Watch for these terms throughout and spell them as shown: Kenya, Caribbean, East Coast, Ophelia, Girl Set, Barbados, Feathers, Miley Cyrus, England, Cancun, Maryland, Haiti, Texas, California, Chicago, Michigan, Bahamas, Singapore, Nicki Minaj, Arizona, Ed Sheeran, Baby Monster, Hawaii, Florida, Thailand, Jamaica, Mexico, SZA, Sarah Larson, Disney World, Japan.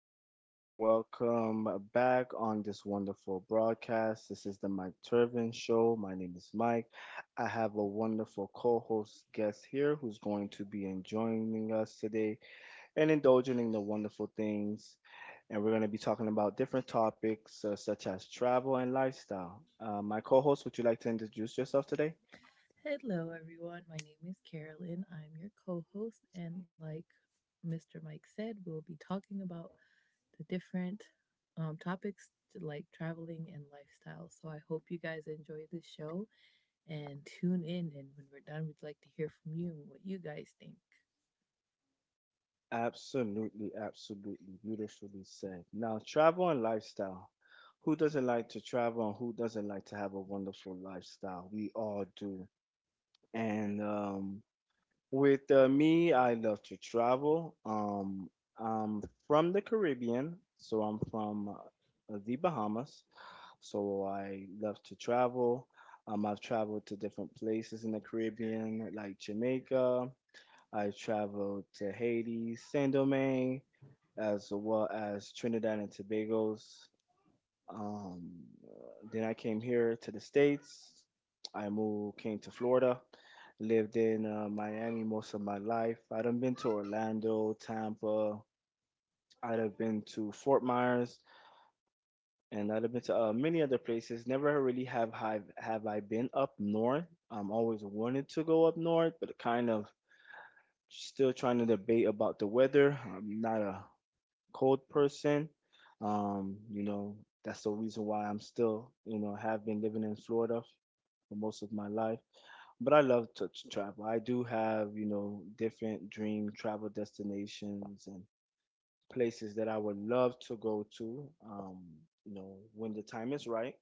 evening. Welcome back on this wonderful broadcast. This is the Mike Turvin Show. My name is Mike. I have a wonderful co host guest here who's going to be enjoying us today and indulging in the wonderful things. And we're going to be talking about different topics such as travel and lifestyle. My co host, would you like to introduce yourself today? Hello, everyone. My name is Carolyn. I'm your co host, and like Mr. Mike said, we'll be talking about the different topics to, like, traveling and lifestyle. So I hope you guys enjoy this show and tune in. And when we're done, we'd like to hear from you and what you guys think. Absolutely, absolutely beautifully said. Now, travel and lifestyle. Who doesn't like to travel and who doesn't like to have a wonderful lifestyle? We all do. And with me, I love to travel. I'm from the Caribbean, so I'm from the Bahamas. So I love to travel. I've traveled to different places in the Caribbean, like Jamaica. I've traveled to Haiti, Saint Domingue, as well as Trinidad and Tobago's. Um, then I came here to the States. I moved, came to Florida, lived in Miami most of my life. I'd have been to Orlando, Tampa. I'd have been to Fort Myers and I've been to many other places. Never really have I been up north. I'm always wanted to go up north, but kind of still trying to debate about the weather. I'm not a cold person. You know, that's the reason why I'm still, you know, have been living in Florida for most of my life. But I love to travel. I do have, you know, different dream travel destinations and places that I would love to go to. You know, when the time is right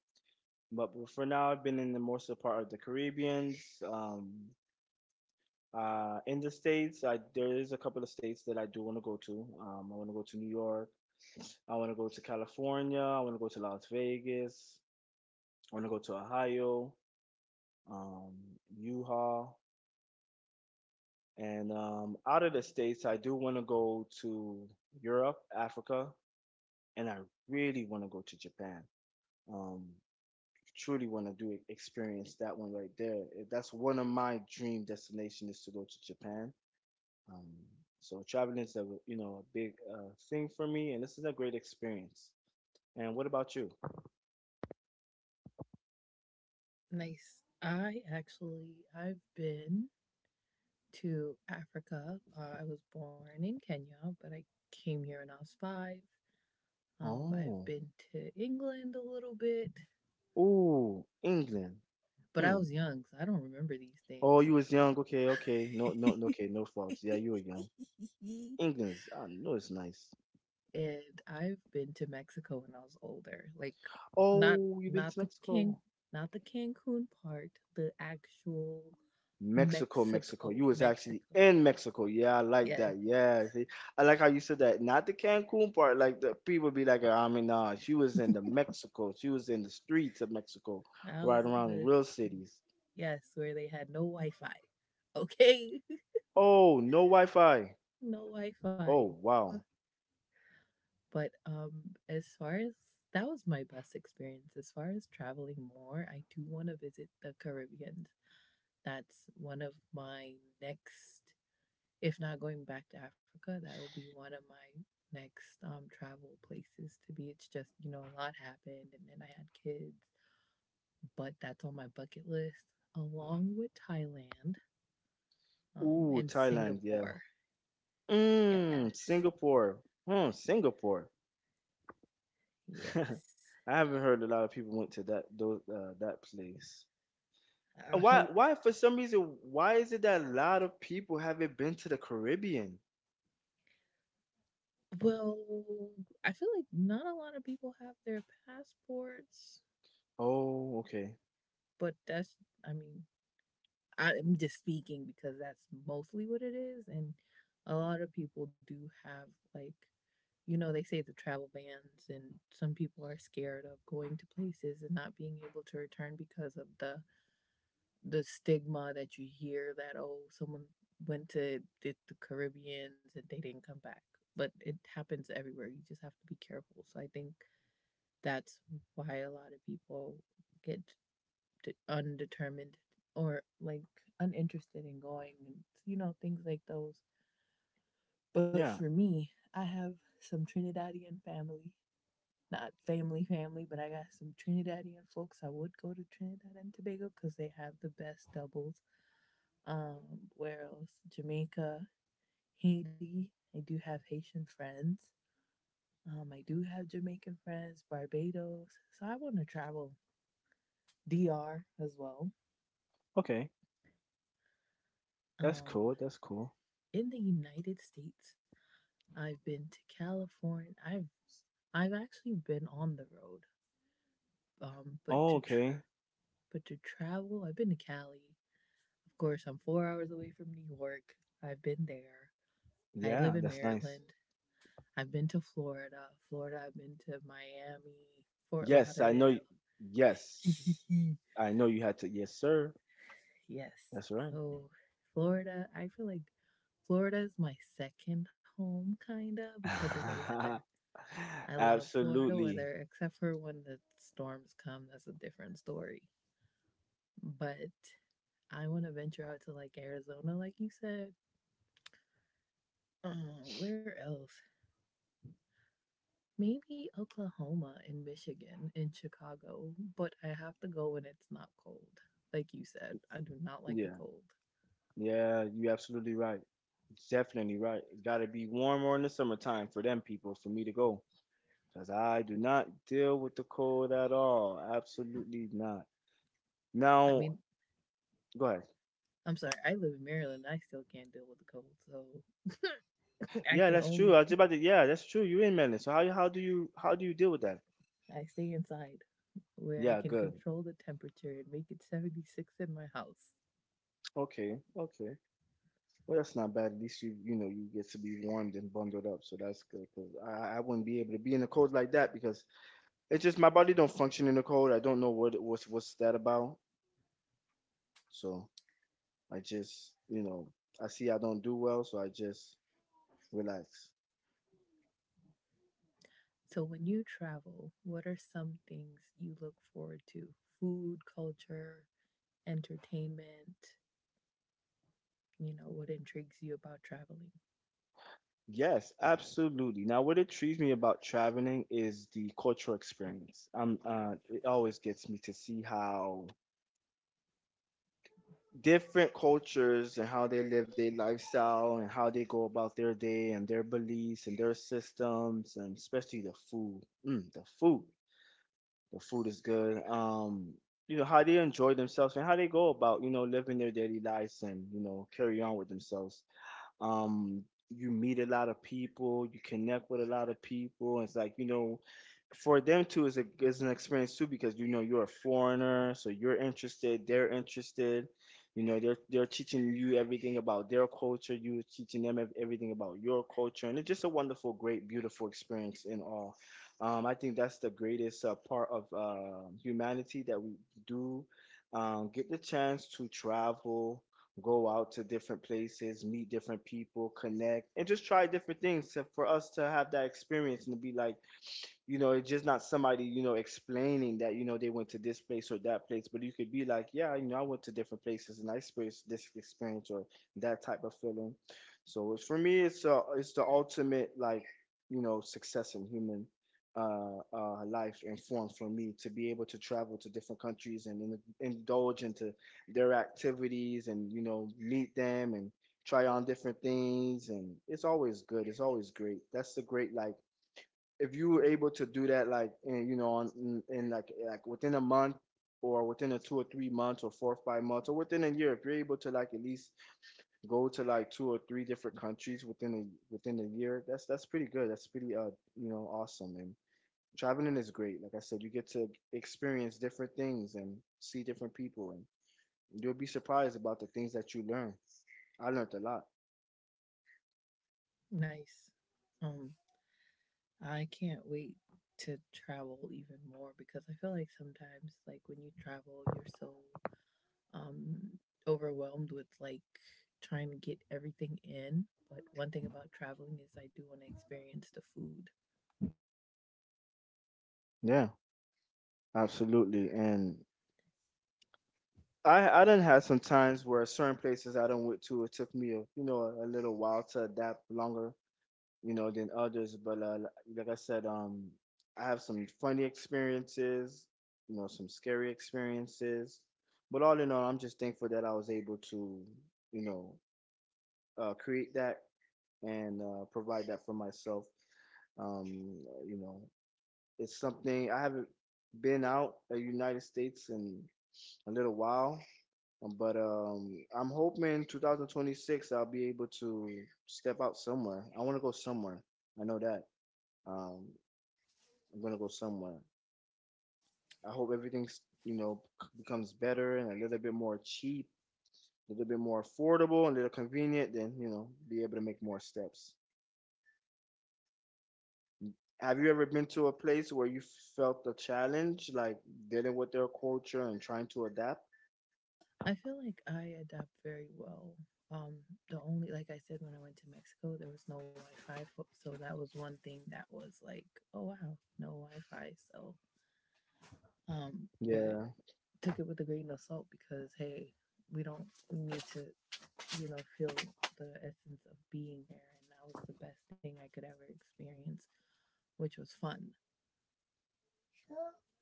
but for now, I've been in the most of the part of the Caribbeans. Um, in the states, I, there is a couple of states that I do want to go to. I want to go to New York. I want to go to California. I want to go to Las Vegas. I want to go to Ohio, um, Utah, and out of the states, I do want to go to Europe, Africa, and I really want to go to Japan. Um, Truly want to do experience that one right there. That's one of my dream destinations is to go to Japan. Um, so traveling is a you know a big thing for me, and this is a great experience. And what about you? Nice. I've been to Africa. I was born in Kenya, but I came here when I was five. I've Oh, been to England a little bit. oh, England. But I Hmm. was young, so I don't remember these Oh, things. you was young. Okay, okay. No, no, no, okay. No faults. Yeah, you were young. England's. I know it's nice. And I've been to Mexico when I was older. Like, not Oh, you've been not to the can Mexico. not the Cancun part, the actual Mexico, Mexico. Mexico. You was actually Mexico. in Mexico. Yeah, I like Yes. that. Yeah, see, I like how you said that. Not the Cancun part. Like the people be like, I mean, nah, she was in the Mexico. She was in the streets of Mexico, I right was in around the, real cities. yes, where they had no Wi Fi. Okay. Oh, no Wi-Fi. No Wi Fi. Oh, wow. But as far as, that was my best experience. As far as traveling more, I do want to visit the Caribbean. That's one of my next, if not going back to Africa, that will be one of my next travel places to be. It's just, you know, a lot happened and then I had kids, but that's on my bucket list, along with Thailand Ooh, and Thailand. Yeah. Singapore. Mmm, Yes, Singapore. Hmm, Singapore. yes. I haven't heard a lot of people went to that those that place. And I why, hope. why for some reason, why is it that a lot of people haven't been to the Caribbean? Well, I feel like not a lot of people have their passports, Oh, okay. but that's, I mean, I'm just speaking because that's mostly what it is. And a lot of people do have, like, you know, they say the travel bans, and some people are scared of going to places and not being able to return because of the stigma that you hear, that oh, someone went to the Caribbeans and they didn't come back. But it happens everywhere. You just have to be careful. So I think that's why a lot of people get undetermined, or like, uninterested in going and you know, things like those. But Yeah, for me, I have some Trinidadian family. Not family family, but I got some Trinidadian folks. I would go to Trinidad and Tobago because they have the best doubles. Um, where else? Jamaica. Haiti, I do have Haitian friends. Um, I do have Jamaican friends. Barbados. So I want to travel DR as well. okay. That's Um, cool. That's cool. in the United States, I've been to California. I've actually been on the road. Um, but Oh, to tra- okay. but to travel, I've been to Cali. Of course, I'm 4 hours away from New York. I've been there. I live in Yeah, that's nice. Maryland. I've been to Florida. Florida. I've been to Miami, Fort Yes, I know. Lauderdale. Yes, I know you had to. Yes, sir. Yes. That's right. So Florida. I feel like Florida is my second home, kinda, because of the weather. I love Florida Absolutely. weather, except for when the storms come. That's a different story. But I want to venture out to like Arizona, like you said. Where else? Maybe Oklahoma and Michigan and Chicago. But I have to go when it's not cold. Like you said, I do not like the Yeah, cold. yeah, you're absolutely right. Definitely right. Gotta be warmer in the summertime for them people for me to go. Because I do not deal with the cold at all. Absolutely not. I Now, mean, go ahead. I'm sorry, I live in Maryland. I still can't deal with the cold. So I Yeah, can that's only, true. I was about to, yeah, that's true. You in Maryland. So how do you how do you deal with that? I stay inside where I Yeah, can good. control the temperature and make it 76 in my house. Okay, okay. Well, that's not bad. At least you you know you get to be warmed and bundled up, so that's good. Cause I wouldn't be able to be in the cold like that because it's just my body don't function in the cold. I don't know what's that about. So I just you know I see I don't do well, so I just relax. So, when you travel, what are some things you look forward to? Food, culture, entertainment, you know, what intrigues you about traveling? Yes, absolutely. Now, what intrigues me about traveling is the cultural experience. It always gets me to see how different cultures and how they live their lifestyle and how they go about their day and their beliefs and their systems and especially the food. Mm, the food is good. You know how they enjoy themselves and how they go about you know living their daily lives and you know carry on with themselves. Um, you meet a lot of people, you connect with a lot of people. It's like, you know, for them too is a is an experience too because you know you're a foreigner, so you're interested, they're interested. You know, they're teaching you everything about their culture, you're teaching them everything about your culture, and it's just a wonderful, great, beautiful experience in all. I think that's the greatest part of humanity that we do get the chance to travel, go out to different places, meet different people, connect, and just try different things to, for us to have that experience and to be like you know it's just not somebody you know explaining that you know they went to this place or that place but you could be like yeah you know I went to different places and I experienced this experience or that type of feeling so it's, for me it's the ultimate like you know success in human life and form for me to be able to travel to different countries and indulge into their activities and you know meet them and try on different things and it's always good it's always great that's the great like if you were able to do that, like in, you know, on, in like within a month or within a 2 or 3 months or 4 or 5 months or within a year, if you're able to like at least go to like two or three different countries within a year, that's pretty good. That's pretty you know awesome and traveling is great. Like I said, you get to experience different things and see different people and you'll be surprised about the things that you learn. I learned a lot. Nice. Um, I can't wait to travel even more because I feel like sometimes, like, when you travel, you're so um, overwhelmed with like trying to get everything in. But one thing about traveling is I do want to experience the food. Yeah, absolutely. And I done had some times where certain places I done went to it took me a you know a little while to adapt longer you know than others but like I said I have some funny experiences you know some scary experiences but all in all I'm just thankful that I was able to you know create that and provide that for myself um you know it's something I haven't been out of the United States in a little while but I'm hoping 2026 I'll be able to step out somewhere. I want to go somewhere. I know that. Um, I'm gonna go somewhere. I hope everything's you know becomes better and a little bit more cheap, a little bit more affordable, and a little convenient. Then you know be able to make more steps. Have you ever been to a place where you felt the challenge, like dealing with their culture and trying to adapt? I feel like I adapt very well. Um, the only, like I said, when I went to Mexico, there was no Wi Fi. So that was one thing that was like, oh, wow, no Wi Fi. So, but Yeah, took it with a grain of salt because, hey, we don't, we need to, you know, feel the essence of being there. And that was the best thing I could ever experience, which was fun.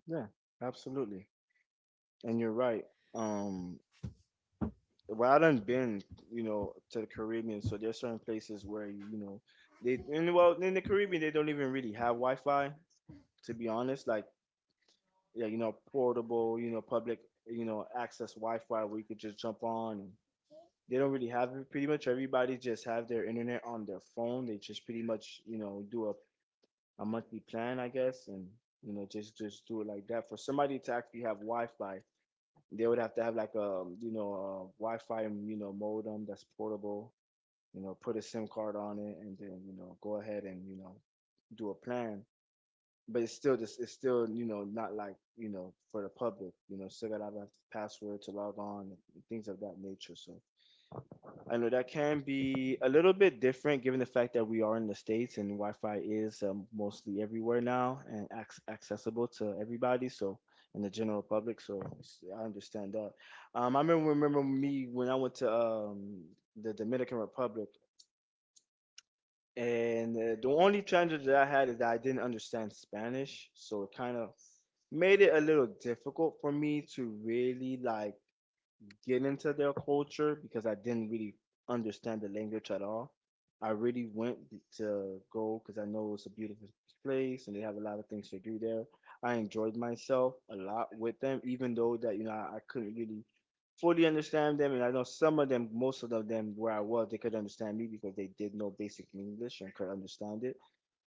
yeah, absolutely. And you're right. Um, well, I done been, you know, to the Caribbean, so there's certain places where you know they and well in the Caribbean they don't even really have Wi-Fi to be honest, like yeah, you know, portable, you know, public, you know, access Wi-Fi where you could just jump on. They don't really have it. Pretty much everybody just have their internet on their phone. They just pretty much, you know, do a monthly plan, I guess, and you know, just do it like that. For somebody to actually have Wi-Fi, they would have to have like a you know a Wi-Fi you know modem that's portable you know, put a SIM card on it, and then you know, go ahead and you know, do a plan. But it's still just, it's still you know, not like you know, for the public. You know, still gotta have a password to log on, and things of that nature. So I know that can be a little bit different, given the fact that we are in the states and Wi-Fi is mostly everywhere now and accessible to everybody. So and the general public. So I understand that. I remember me when I went to the Dominican Republic. And the only challenge that I had is that I didn't understand Spanish, so it kind of made it a little difficult for me to really like get into their culture because I didn't really understand the language at all. I really went to go because I know it's a beautiful place and they have a lot of things to do there. I enjoyed myself a lot with them, even though that you know I couldn't really fully understand them, and I know some of them, most of them, where I was, they could understand me because they did know basic English and could understand it.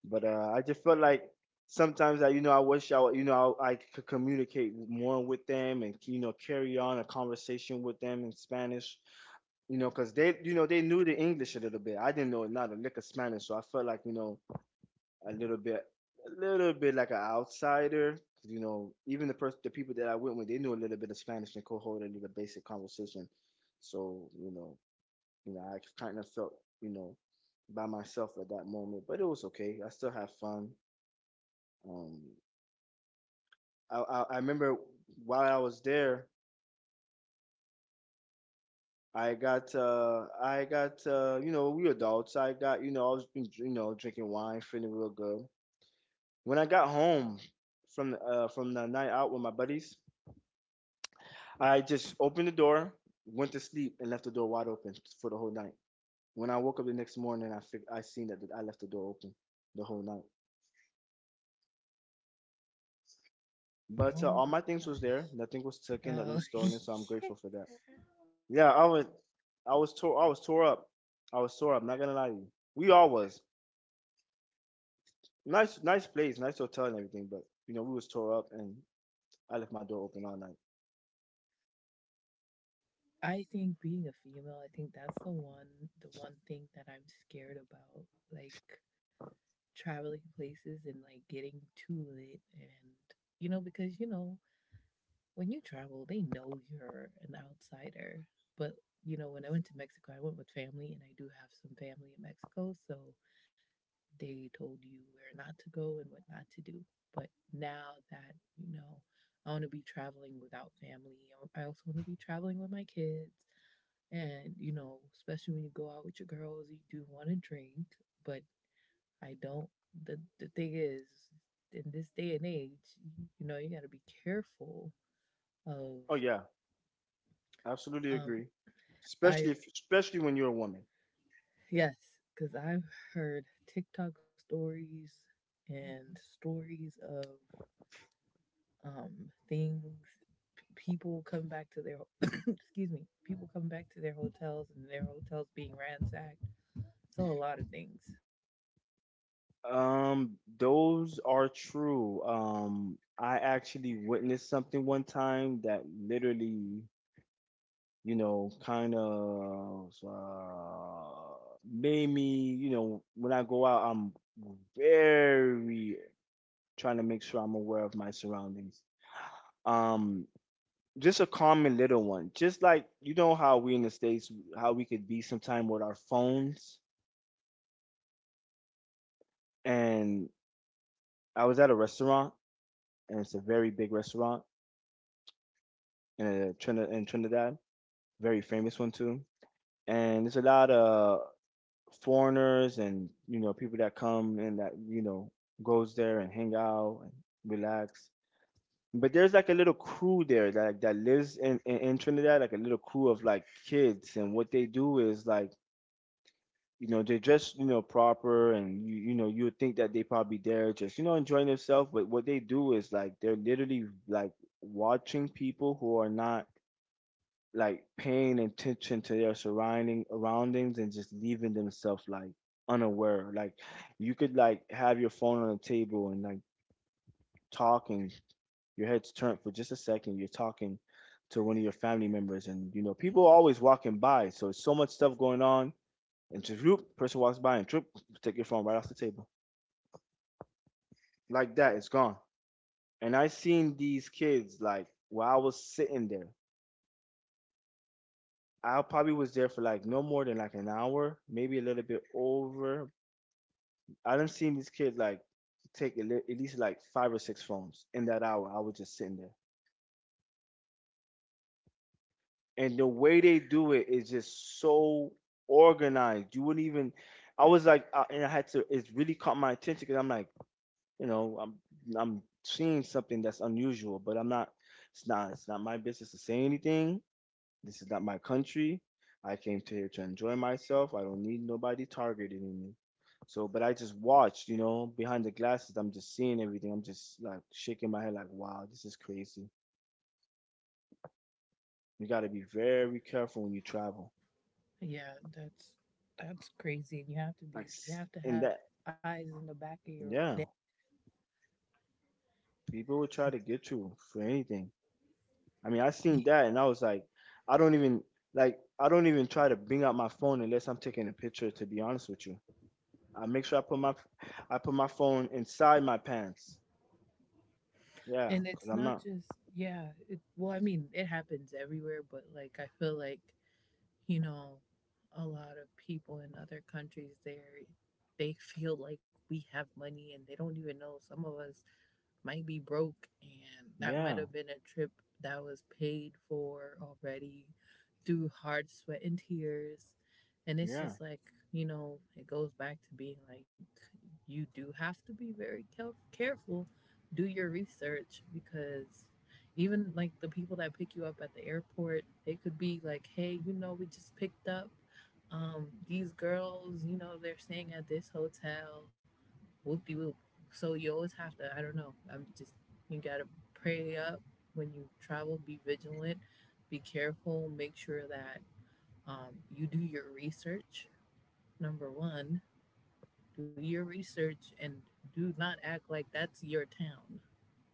But I just felt like sometimes I, you know, I wish I, would- you know, I could communicate more with them and you know carry on a conversation with them in Spanish, you know, because they, you know, they knew the English a little bit. I didn't know not a lick of Spanish, so I felt like you know a little bit, a little bit like an outsider. 'Cause, you know, even the people that I went with, they knew a little bit of Spanish and could hold a little basic conversation. So you know, you know, I kind of felt, you know, by myself at that moment, but it was okay. I still had fun. Um, I remember while I was there, I got you know, we adults. I got you know I was been you know drinking wine, feeling real good. When I got home from from the night out with my buddies, I just opened the door, went to sleep, and left the door wide open for the whole night. When I woke up the next morning, I seen that I left the door open the whole night. But Oh all my my things was gosh. there. Nothing was taken. Nothing Oh, was stolen. So I'm yeah. grateful for that. Yeah, I was tore up. I was tore up. Not gonna lie to you. We all was. Nice, nice place, nice hotel and everything, but you know we was tore up, and I left my door open all night. I think being a female, I think that's the one thing that I'm scared about. Like, traveling places and like getting too lit and you know, because you know, when you travel they know you're an outsider. But you know, when I went to Mexico I went with family and I do have some family in Mexico, so they told you where not to go and what not to do. But now that, you know, I want to be traveling without family. I also want to be traveling with my kids. And, you know, especially when you go out with your girls, you do want to drink, but I don't. The thing is, in this day and age, you know, you got to be careful of, Oh yeah, absolutely um, agree. Especially I've, if, especially when you're a woman. yes, because I've heard TikTok stories and stories of, um, things, people come back to their, excuse me, people come back to their hotels and their hotels being ransacked. So a lot of things. Those are true. I actually witnessed something one time that literally you know, kind of made me, you know, when I go out, I'm very trying to make sure I'm aware of my surroundings. Um, just a common little one, just like you know how we in the states, how we could be sometime with our phones. And I was at a restaurant, and it's a very big restaurant in in Trinidad, very famous one too. And there's a lot of foreigners and you know people that come and that you know goes there and hang out and relax. But there's like a little crew there that that lives in Trinidad, like a little crew of like kids, and what they do is like you know they dress you know proper, and you know you would think that they probably there just you know enjoying themselves, but what they do is like they're literally like watching people who are not like paying attention to their surroundings and just leaving themselves like unaware. Like you could like have your phone on the table and like talking, your head's turned for just a second, you're talking to one of your family members and you know, people are always walking by, so it's so much stuff going on and just whoop, person walks by and whoop, take your phone right off the table. Like that, it's gone. And I seen these kids like while I was sitting there. I probably was there for like no more than like an hour, maybe a little bit over, I done seen these kids like take at least like five or six phones in that hour. I was just sitting there, and the way they do it is just so organized. You wouldn't even. I was like, and I had to. It really caught my attention because I'm like, you know, I'm seeing something that's unusual, but I'm not. It's not my business to say anything. This is not my country. I came to here to enjoy myself. I don't need nobody targeting me. So, but I just watched, you know, behind the glasses. I'm just seeing everything. I'm just like shaking my head, like, wow, this is crazy. You got to be very careful when you travel. Yeah, that's crazy. And Like, you s- have to and have that, eyes in the back of your neck. yeah, people will try to get you for anything. I mean, I seen that, and I was like, I don't even like, I don't even try to bring out my phone unless I'm taking a picture. To be honest with you, I make sure I put my, I put my phone inside my pants. Yeah, And it's because I'm not not. just, yeah, it, well, I mean, it happens everywhere, but like I feel like, you know, a lot of people in other countries, they feel like we have money and they don't even know. Some of us might be broke and that might Yeah, have been a trip that was paid for already through hard sweat and tears. And it's yeah, just like, you know, it goes back to being like, you do have to be very careful. Do your research, because even like the people that pick you up at the airport, they could be like, hey, you know, we just picked up these girls, you know, they're staying at this hotel, whoopie whoop. So you always have to, I don't know, I'm just, you gotta pray up when you travel, be vigilant, be careful, make sure that you do your research. Number one, do your research, and do not act like that's your town,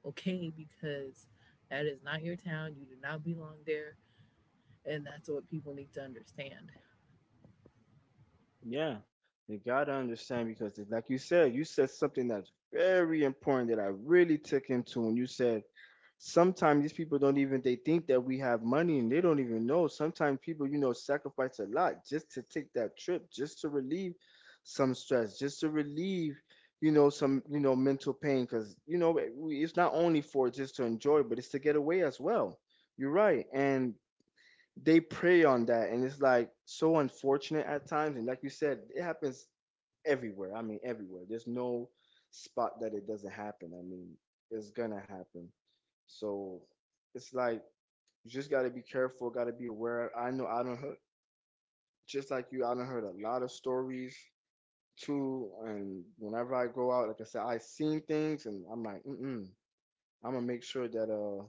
okay? Because that is not your town, you do not belong there, and that's what people need to understand. yeah. You gotta understand because, like you said something that's very important that I really took into when you said sometimes these people don't even they think that we have money and they don't even know. Sometimes people, you know, sacrifice a lot just to take that trip, just to relieve some stress, just to relieve, you know, some you know mental pain. Because you know, we, it's not only for just to enjoy, but it's to get away as well. You're right, and they prey on that and it's like so unfortunate at times and like you said it happens everywhere. I mean everywhere, there's no spot that it doesn't happen. I mean it's gonna happen. So it's like you just gotta be careful, gotta be aware. I know I don't heard, just like you, I don't heard a lot of stories too. And whenever I go out, like I said, I seen things and I'm like, mm-mm, I'm gonna make sure that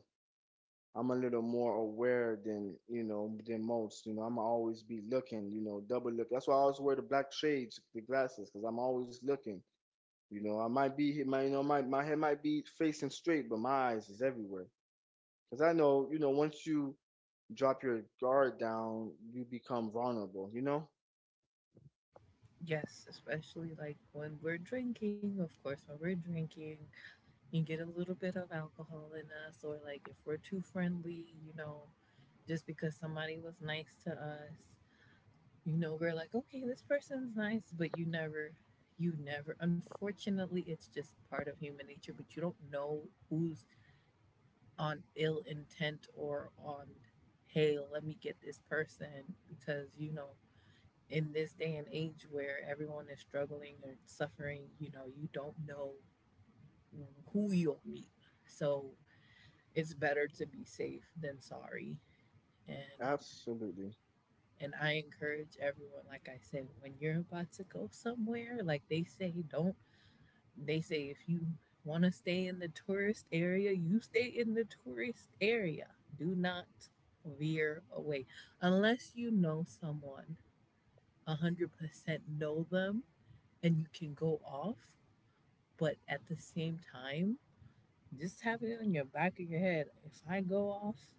I'm a little more aware than you know than most. You know, I'm always be looking. You know, double look. That's why I always wear the black shades, the glasses, because I'm always looking. You know, I might be my you know my my head might be facing straight, but my eyes is everywhere. Because I know you know once you drop your guard down, you become vulnerable. You know, Yes, especially like when we're drinking, of course, when we're drinking, you get a little bit of alcohol in us, or like if we're too friendly, you know, just because somebody was nice to us, you know, we're like, okay, this person's nice, but you never, unfortunately, it's just part of human nature, but you don't know who's on ill intent, or on, hey, let me get this person because, you know, in this day and age where everyone is struggling or suffering, you know, you don't know who you'll meet. So it's better to be safe than sorry. and absolutely. and I encourage everyone, like I said, when you're about to go somewhere, like they say, don't, they say if you want to stay in the tourist area, you stay in the tourist area. Do not veer away unless you know someone 100%, know them, and you can go off. But at the same time, just have it on your back of your head. If I go off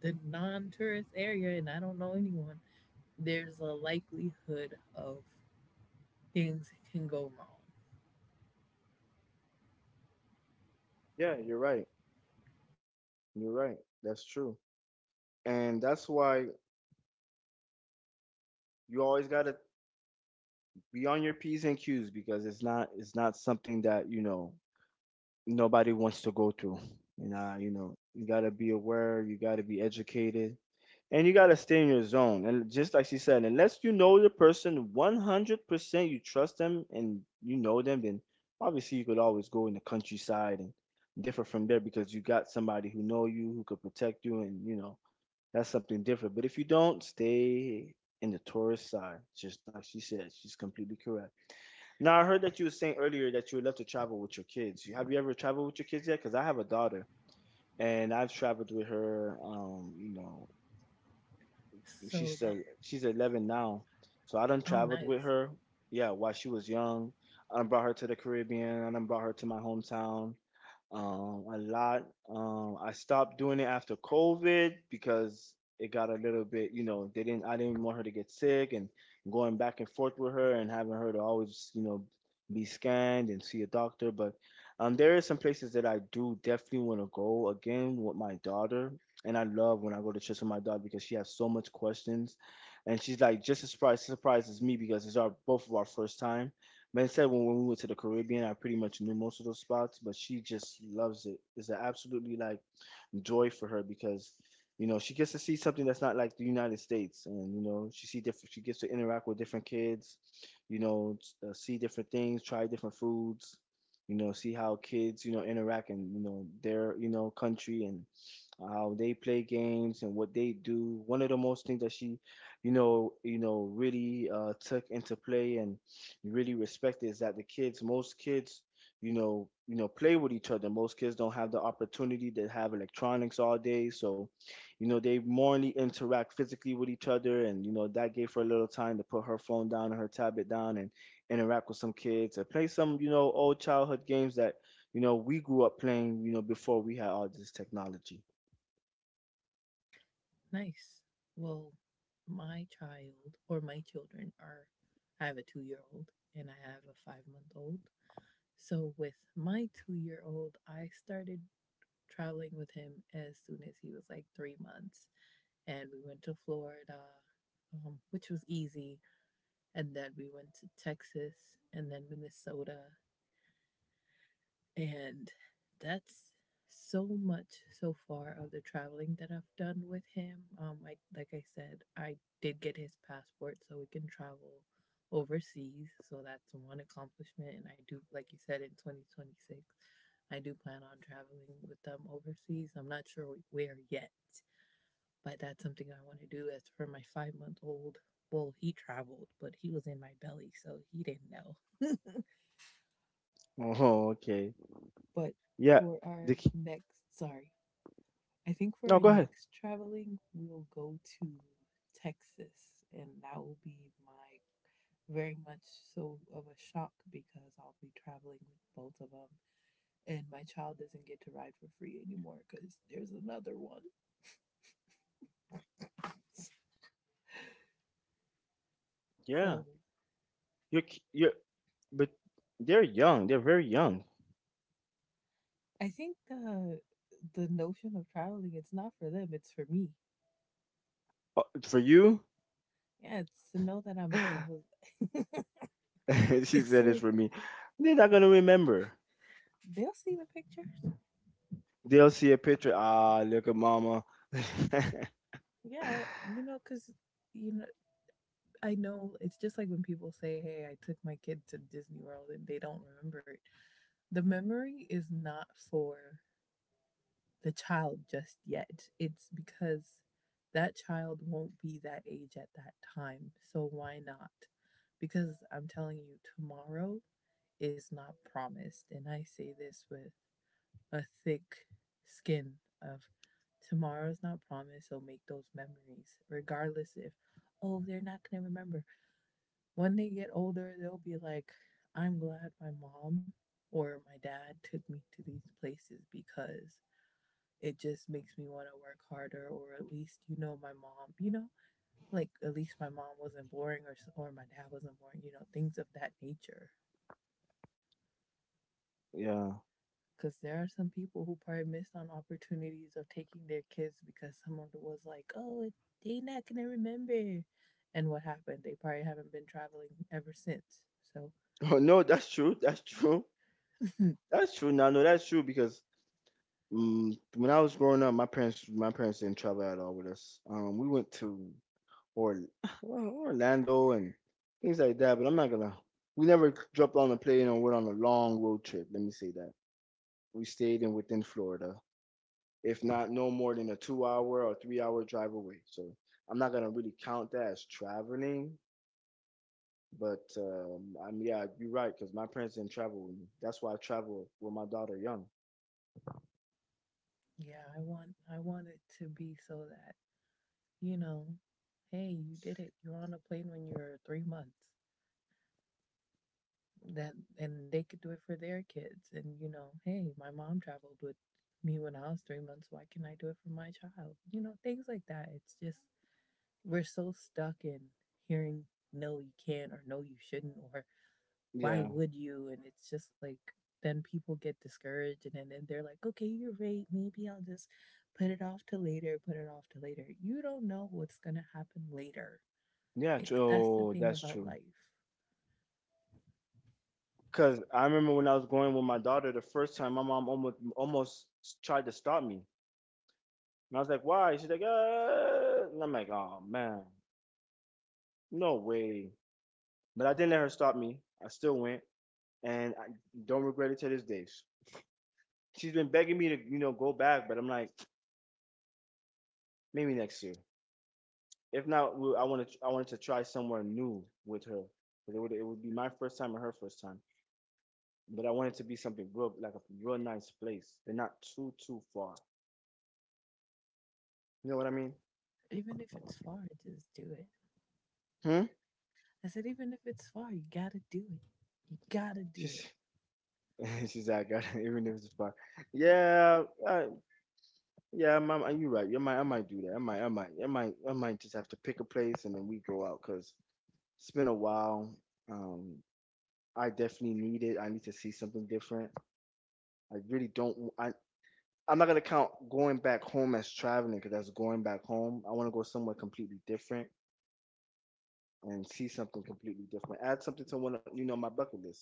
the non tourist area and I don't know anyone, there's a likelihood of things can go wrong. Yeah, you're right. You're right. That's true. And that's why you always gotta be on your p's and q's because it's not something that you know nobody wants to go through. And you know, you gotta be aware, you gotta be educated, and you gotta stay in your zone. And just like she said, unless you know the person 100%, you trust them and you know them, then obviously you could always go in the countryside and differ from there because you got somebody who know you, who could protect you, and you know that's something different. But if you don't, stay in the tourist side, just like she said, she's completely correct. Now I heard that you were saying earlier that you would love to travel with your kids. You- Have you ever traveled with your kids yet? Because I have a daughter and I've traveled with her. You know, So, the, she's 11 now, so I done oh, traveled with nice. her. Yeah, while she was young, I done brought her to the Caribbean. I done brought her to my hometown a lot. I stopped doing it after COVID because it got a little bit, you know, they didn't. I didn't want her to get sick and going back and forth with her and having her to always, you know, be scanned and see a doctor. But there is some places that I do definitely want to go again with my daughter. And I love when I go to church with my daughter because she has so much questions, and she's like just as surprised as me because it's our both of our first time. Like I said, when we went to the Caribbean, I pretty much knew most of those spots, but she just loves it. It's an absolutely like joy for her because, you know, she gets to see something that's not like the United States, and you know, she see different. She gets to interact with different kids, you know, see different things, try different foods, you know, see how kids, you know, interact and you know their you know country and how they play games and what they do. One of the most things that she, you know, really took into play and really respected is that the kids, most kids, you know, play with each other. Most kids don't have the opportunity to have electronics all day, so they morally interact physically with each other, and that gave her a little time to put her phone down and her tablet down and interact with some kids and play some, old childhood games that we grew up playing, before we had all this technology. Nice. Well, my child, or my children are, I have a 2 year old and I have a 5 month old. So, with my 2 year old, I started traveling with him as soon as he was like 3 months. And we went to Florida, which was easy. And then we went to Texas and then Minnesota. And that's so much so far of the traveling that I've done with him. Like I said, I did get his passport so we can travel overseas. So that's one accomplishment. And I do, like you said, in 2026, I do plan on traveling with them overseas. I'm not sure where yet, but that's something I want to do. As for my 5 month old, well, he traveled, but he was in my belly, so he didn't know. Oh, okay. but Yeah. for The our ki- next, sorry, I think for no, our go ahead. next traveling, we'll go to Texas, and that will be my very much so of a shock because I'll be traveling with both of them, and my child doesn't get to ride for free anymore because there's another one. Yeah. So You you but they're young. They're very young. I think the notion of traveling, it's not for them, it's for me. For you, Yeah, it's to know that I'm it was she it's said it's like for me. They're not gonna remember. they'll see the pictures. They'll see a picture. Ah, look at mama. Yeah, you know, cuz you know, I know it's just like when people say, "Hey, I took my kid to Disney World" and they don't remember it. The memory is not for the child just yet. It's because that child won't be that age at that time. So why not? Because I'm telling you, tomorrow is not promised. And I say this with a thick skin of tomorrow's not promised. So make those memories, regardless if, oh, they're not going to remember. When they get older, they'll be like, I'm glad my mom or my dad took me to these places because it just makes me want to work harder, or at least, my mom, like at least my mom wasn't boring or my dad wasn't boring, things of that nature. Yeah. Because there are some people who probably missed on opportunities of taking their kids because someone was like, oh, they not going to remember. And what happened? They probably haven't been traveling ever since. So, Oh no, that's true. That's true. That's true. No, no, that's true because when I was growing up, my parents didn't travel at all with us. We went to or well, Orlando and things like that. But I'm not gonna. We never dropped on a plane or went on a long road trip. Let me say that we stayed in within Florida, if not no more than a two-hour or three-hour drive away. So I'm not gonna really count that as traveling. But I'm yeah, you're right because my parents didn't travel with me. That's why I travel with my daughter young. yeah, I want it to be so that, you know, hey, you did it. You're on a plane when you're 3 months. That and they could do it for their kids. And hey, my mom traveled with me when I was 3 months. Why can't I do it for my child? You know, things like that. It's just, we're so stuck in hearing no, you can't, or no, you shouldn't, or why Yeah, would you? And it's just like, then people get discouraged, and then they're like, okay, you're right. Maybe I'll just put it off to later, put it off to later. You don't know what's going to happen later. Like, that's the oh, thing that's about true. life. Because I remember when I was going with my daughter the first time, my mom almost tried to stop me. And I was like, why? She's like, and I'm like, oh man, no way. But I didn't let her stop me. I still went, and I don't regret it to this day. She's been begging me to, go back, but I'm like, maybe next year. If not, I want to, I wanted to try somewhere new with her. 'Cause it would be my first time and her first time. But I wanted to be something real, like a real nice place, and not too far. You know what I mean? Even if it's far, just do it. Hmm. I said, even if it's far, you got to do it. You got to do it. She's, she's like, I got it, even if it's far. Yeah, uh, Yeah, you're right. I might do that. I might just have to pick a place and then we go out because it's been a while. Um, I definitely need it. I need to see something different. I really don't. I'm not gonna count going back home as traveling because that's going back home. I want to go somewhere completely different and see something completely different. Add something to you know, my bucket list.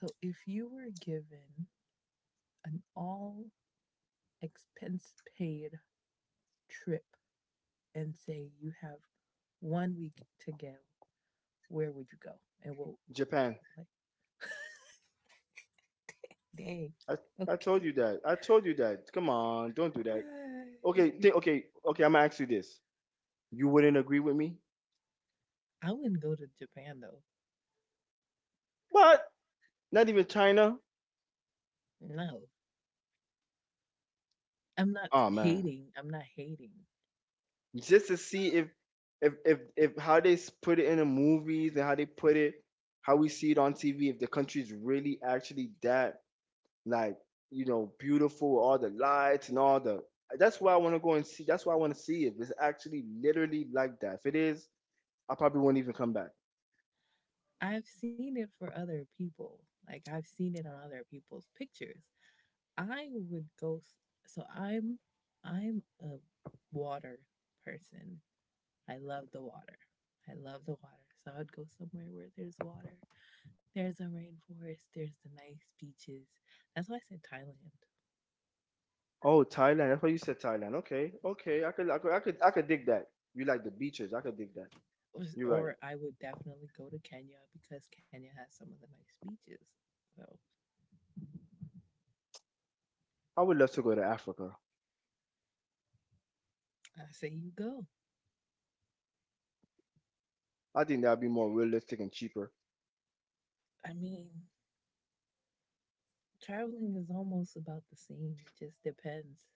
So, if you were given an all expense paid trip and say you have 1 week to go, where would you go? And we'll Japan. like, dang, I, I told okay. you that. I told you that. Come on, don't do that. Okay, okay, okay. I'm gonna ask you this. You wouldn't agree with me? I wouldn't go to Japan though. What? Not even China. No, I'm not Oh man, hating. I'm not hating. just to see if if how put it in the movies and how they put it, how we see it on TV. If the country's really actually that like beautiful, with all the lights and all the. That's why I want to go and see. That's why I want to see it. It's actually literally like that. If it is, I probably won't even come back. I've seen it for other people. Like I've seen it on other people's pictures. I would go. So I'm, I'm a water person. I love the water. I love the water. So I would go somewhere where there's water, there's a rainforest, there's the nice beaches. That's why I said Thailand. Oh, Thailand. That's why you said Thailand. Okay, okay. I could dig that. You like the beaches. I could dig that. You're right. Or I would definitely go to Kenya because Kenya has some of the nice beaches. So I would love to go to Africa. I say you go. I think that'd be more realistic and cheaper. I mean, traveling is almost about the same. It just depends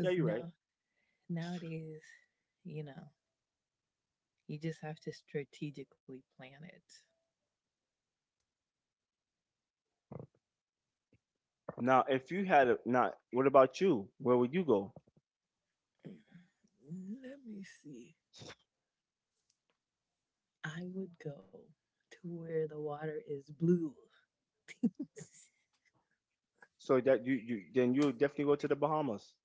Yeah, you're right. Nowadays, you know, you just have to strategically plan it. Now, if you had a, not, what about you? Where would you go? Let me see. I would go to where the water is blue. So that you then you would definitely go to the Bahamas.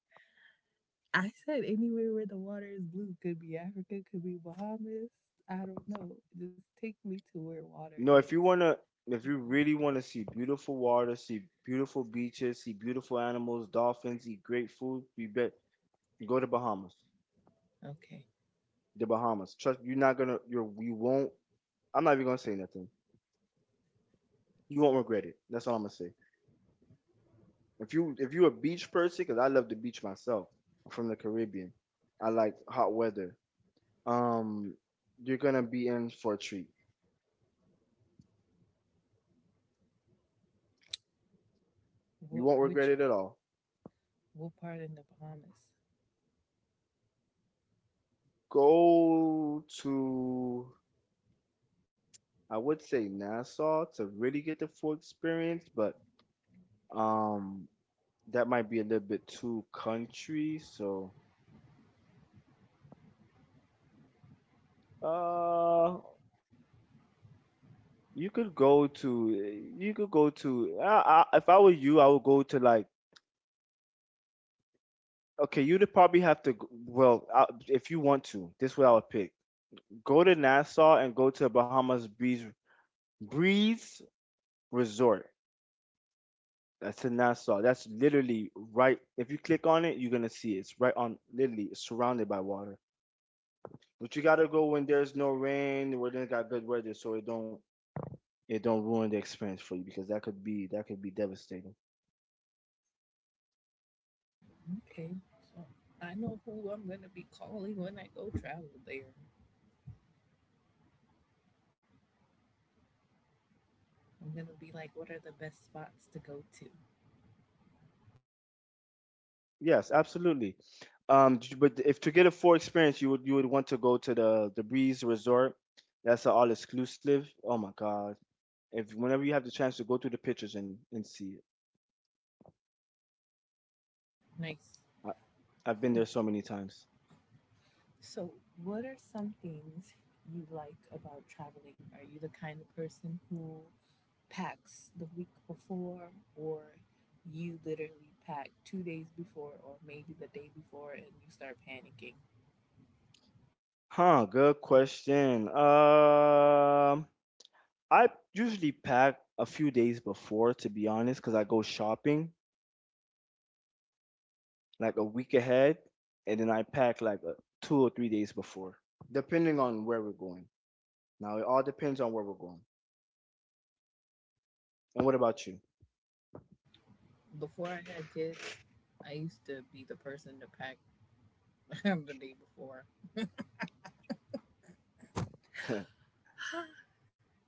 I said anywhere where the water is blue could be Africa, could be Bahamas. I don't know. Just take me to where water No, is. if you wanna, if you really wanna see beautiful water, see beautiful beaches, see beautiful animals, dolphins, eat great food, you go to Bahamas. Okay. The Bahamas. Trust you're you won't. I'm not even gonna say nothing. You won't regret it. That's all I'm gonna say. If you if you're a beach person, because I love the beach myself. I'm from the Caribbean. I like hot weather. um, you're gonna be in for a treat. You What won't regret which it at all. what part in the Bahamas? Go to, I would say Nassau to really get the full experience, but um, that might be a little bit too country. So, uh, you could go to, if I were you, I would go to like. Okay, you'd probably have to. Well, if you want to, this is what I would pick. Go to Nassau and go to Bahamas Breeze Resort. That's in Nassau. That's literally right. If you click on it, you're gonna see it. It's right on, literally, it's surrounded by water. But you gotta go when there's no rain, where they got good weather, so it don't ruin the experience for you because that could be devastating. Okay. So I know who I'm gonna be calling when I go travel there. I'm gonna be like, what are the best spots to go to? Yes, absolutely. But if to get a full experience, you would want to go to the Breeze Resort. That's an all exclusive. Oh my God! If whenever you have the chance to go through the pictures and see it, Nice. I, I've been there so many times. So, what are some things you like about traveling? Are you the kind of person who packs the week before, or you literally pack 2 days before, or maybe the day before, and you start panicking? Huh, good question. I usually pack a few days before, to be honest, because I go shopping like a week ahead, and then I pack like 2 or 3 days before, depending on where we're going. Now, it all depends on where we're going. And what about you? Before I had kids, I used to be the person to pack the day before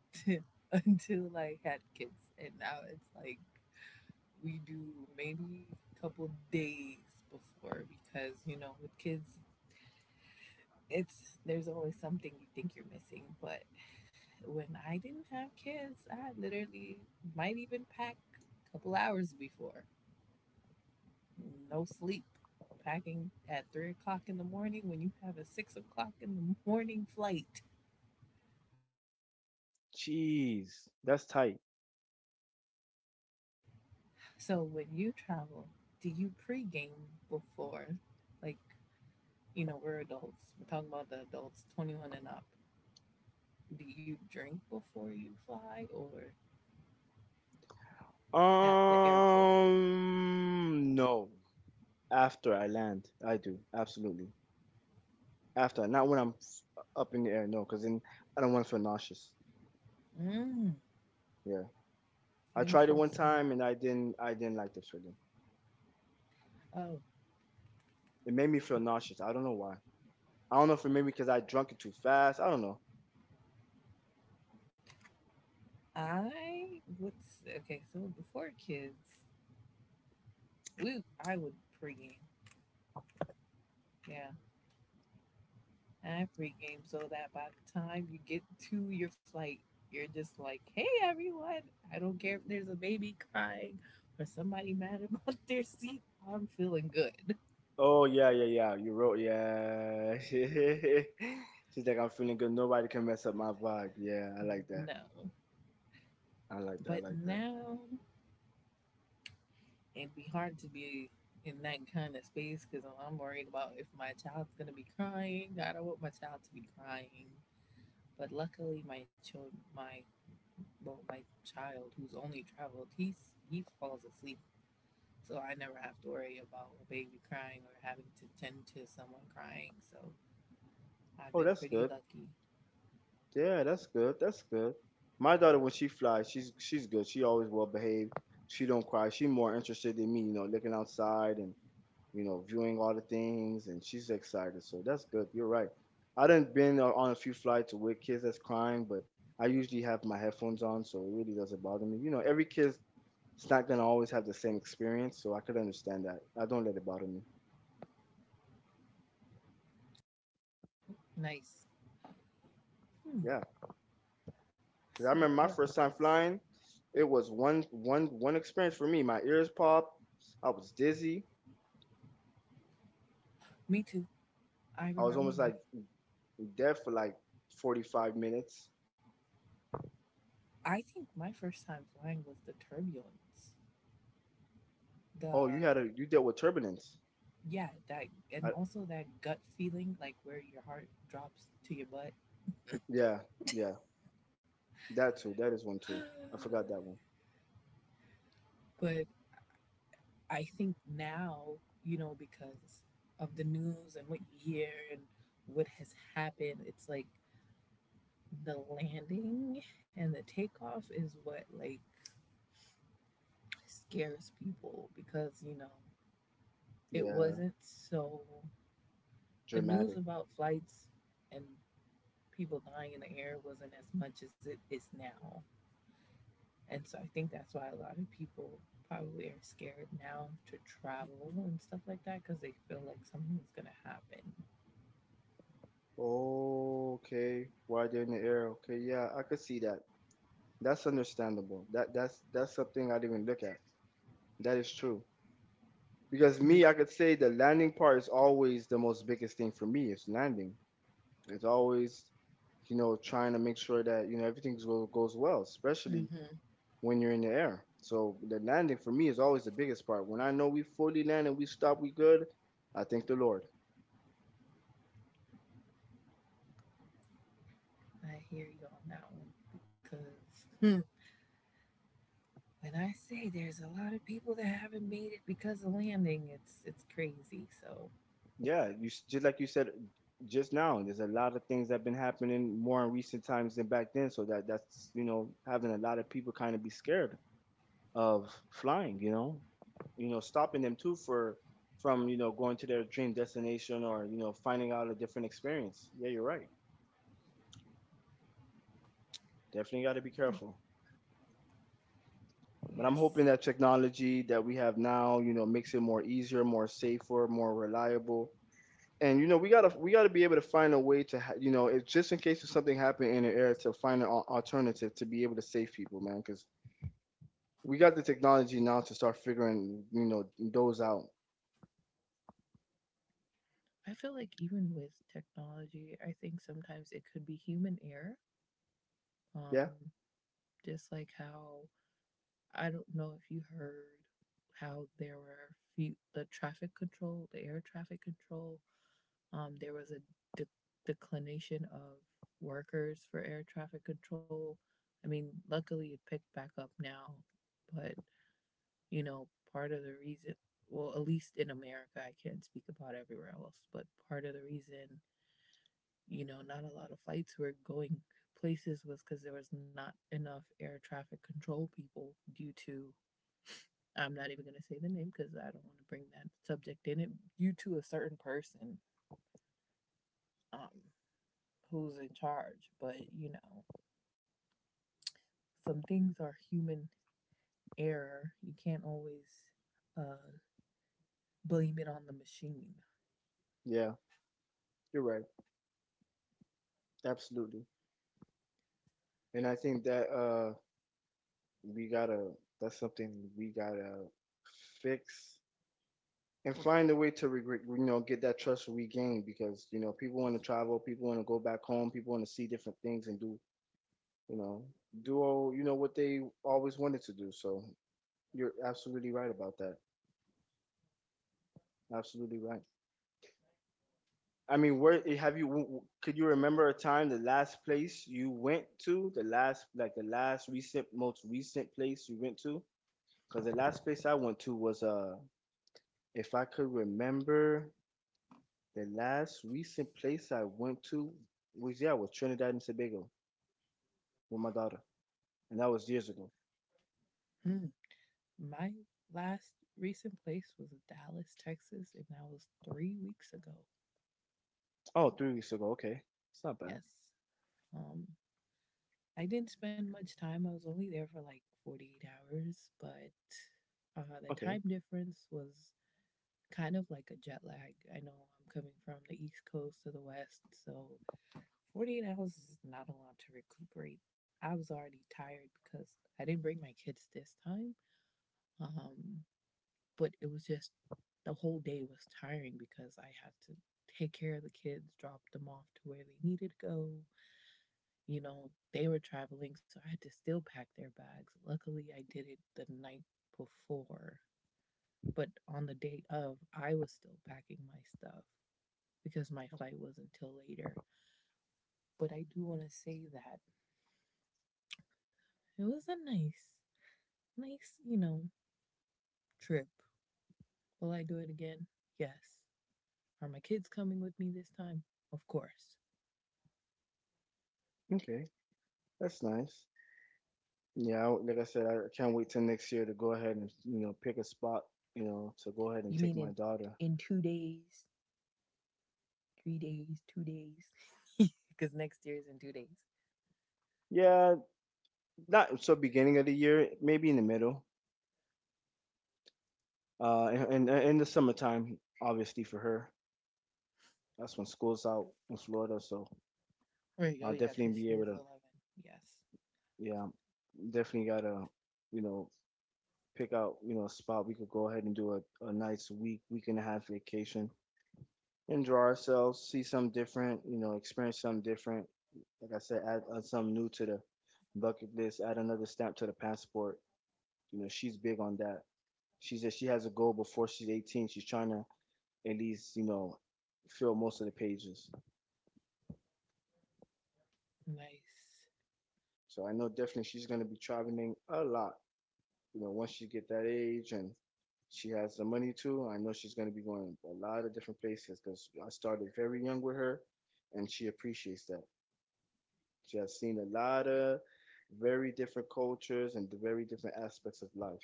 until I had kids, and now it's like we do maybe a couple days before because with kids it's there's always something you think you're missing. But when I didn't have kids, I literally might even pack a couple hours before. No sleep. Packing at 3 o'clock in the morning when you have a 6 o'clock in the morning flight. Jeez, that's tight. So when you travel, do you pregame before? Like, we're adults. We're talking about the adults, 21 and up. Do you drink before you fly or at the airport? No. After I land, I do absolutely. Not when up in the air, no, because then I don't want to feel nauseous. Mm, Yeah, I tried it one interesting. time and I didn't like the feeling. Oh, It made me feel nauseous. I don't know why. I don't know if it maybe because I drunk it too fast. I don't know. I what's okay. So before kids, we I would pregame. Yeah, I pregame so that by the time you get to your flight, you're just like, hey everyone. I don't care if there's a baby crying or somebody mad about their seat. I'm feeling good. Oh yeah, yeah, yeah. You wrote, yeah. She's like, I'm feeling good. Nobody can mess up my vibe. Yeah, I like that. No, I like but that. I like that. now it'd be hard to be in that kind of space because I'm worried about if my child's gonna be crying. I don't want my child to be crying. But luckily, my about my child who's only traveled. He falls asleep, so I never have to worry about a baby crying or having to tend to someone crying. So I've Oh, been that's pretty good. lucky. Yeah, that's good. That's good. My daughter, when she flies, she's good. She always well behaved. She don't cry. She more interested in me, looking outside and viewing all the things, and she's excited. So that's good. You're right. I done on a few flights with kids that's crying, but I usually have my headphones on, so it really doesn't bother me. You know, every kid's it's not gonna always have the same experience, so I could understand that. I don't let it bother me. Nice. Hmm. Yeah. 'Cause I So remember my what? first Else? time flying. It was one experience for me. My ears popped. I was dizzy. Me too. I I was remember almost like my. dead for like 45 minutes. I think my first time flying was the turbulence. The Oh, you had a you dealt with turbulence. Yeah, that and I, also that gut feeling like where your heart drops to your butt. yeah, yeah, that too. That is one too. I forgot that one. But I think now, because of the news and what you hear and what has happened, it's like the landing and the takeoff is what like scares people because, it Yeah, wasn't so the news dramatic. about flights and people dying in the air wasn't as much as it is now. And so I think that's why a lot of people probably are scared now to travel and stuff like that because they feel like something's going to happen. Oh, okay. Why they're in the air? Okay, yeah, I could see that. That's understandable. That's something I didn't even look at. That is true. Because me, Be- I could say the landing part is always the most biggest thing for me. It's landing. It's always, you know, trying to make sure that everything goes well, especially Mm-hmm. when you're in the air. So the landing for me is always the biggest part. When I know we fully land and we stop, we good. I thank the Lord. I hear you on that one because when I say there's a lot of people that haven't made it because of landing, it's crazy. So Yeah, just like you said just now. There's a lot of things that have been happening more in recent times than back then. So that that's you know having a lot of people kind of be scared of flying, stopping them too for from, you know, going to their dream destination or, you know, finding out a different experience. Yeah, you're right. Definitely got to hmm, be careful. But I'm yes, hoping that technology that we have now, you know, makes it more easier, more safer, more reliable. And you know, we gotta be able to find a way to, you know, it's just in case if something happened in the air, to find an alternative to be able to save people, man. Because we got the technology now to start figuring, you know, those out. I feel like even with technology, I think sometimes it could be human error. Yeah, Um, just like how I don't know if you heard how there were few the traffic control, the air traffic control. There was a de- declination of workers for air traffic control. I mean, luckily it picked back up now, but you know, part of the reason, well, at least in America, I can't speak about everywhere else, but part of the reason, not a lot of flights were going places was because there was not enough air traffic control people due to, I'm not even going to say the name because I don't want to bring that subject in it, due to a certain person. Um, Who's in charge, but some things are human error. You can't always uh, blame it on the machine. yeah, you're right. Absolutely. And I think that we gotta that's something we gotta fix and find a way to regret you know get that trust regained because you know people want to travel, people want to go back home, people want to see different things and do you know do all you know what they always wanted to do. So you're absolutely right about that. Absolutely right. I mean, where have you? Could you remember a time, the last place you went to, the last like the last recent, most recent place you went to? Because the last place I went to was If I could remember the last recent place I went to was yeah, was Trinidad and Tobago with my daughter. And that was years ago. Hmm. My last recent place was Dallas, Texas, and that was 3 weeks ago. Oh, 3 weeks ago. Okay. It's not bad. Yes. Um, I didn't spend much time. I was only there for like 48 hours, but the Okay. time difference was kind of like a jet lag. I know I'm coming from the East Coast to the West, so 48 hours is not a lot to recuperate. I was already tired because I didn't bring my kids this time. Um, but it was just the whole day was tiring because I had to take care of the kids, drop them off to where they needed to go. You know, they were traveling, so I had to still pack their bags. Luckily, I did it the night before, but on the day of, I was still packing my stuff because my flight was until later. But I do want to say that it was a nice, trip. Will I do it again? Yes. Are my kids coming with me this time? Of course. Okay. That's nice. Like I said, I can't wait till next year to go ahead and, you know, pick a spot, you know, to go ahead and You take mean my in daughter. 2 days, 3 days, 2 days? Because next year is in 2 days. Yeah, not so beginning of the year, maybe in the middle. And in the summertime, obviously for her. That's when school's out in Florida, so Right. Oh, I'll yeah, definitely because be she able is to. 11. Yes. Yeah, definitely gotta, you know, pick out, you know, a spot we could go ahead and do a nice week, week and a half vacation. Enjoy ourselves, see something different, you know, experience something different. Like I said, add something new to the bucket list, add another stamp to the passport. You know, she's big on that. She said she has a goal before she's 18. She's trying to at least, you know, fill most of the pages. Nice. So I know definitely she's gonna be traveling a lot, you know, once she get that age and she has the money too. I know she's going to be going a lot of different places because I started very young with her, and she appreciates that. She has seen a lot of very different cultures and the very different aspects of life.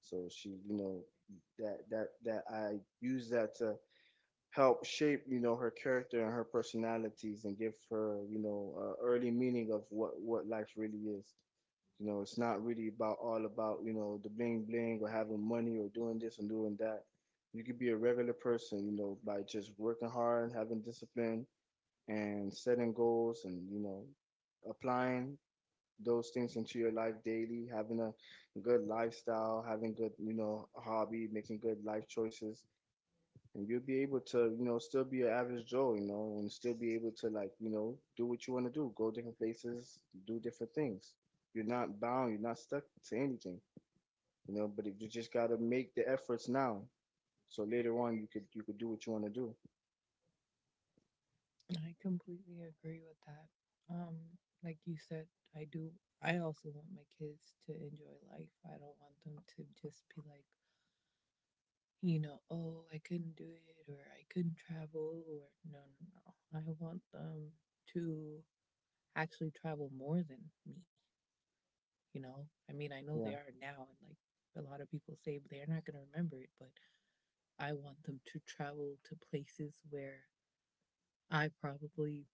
So she, you know, that I use that to help shape, you know, her character and her personalities and give her, you know, early meaning of what life really is. You know, it's not really about all about, you know, the bling bling or having money or doing this and doing that. You could be a regular person, you know, by just working hard, having discipline and setting goals and, you know, applying those things into your life daily, having a good lifestyle, having good, you know, hobby, making good life choices, and you'll be able to, you know, still be an average Joe, you know, and still be able to like, you know, do what you want to do, go different places, do different things. You're not bound, you're not stuck to anything, you know. But you just gotta make the efforts now, so later on you could do what you want to do. I completely agree with that. Um, like you said, I do. I also want my kids to enjoy life. I don't want them to just be like, oh, I couldn't do it or I couldn't travel or no, no, no. I want them to actually travel more than me, you know? I mean, I know they Yeah, are now and like a lot of people say but they're not going to remember it, but I want them to travel to places where I probably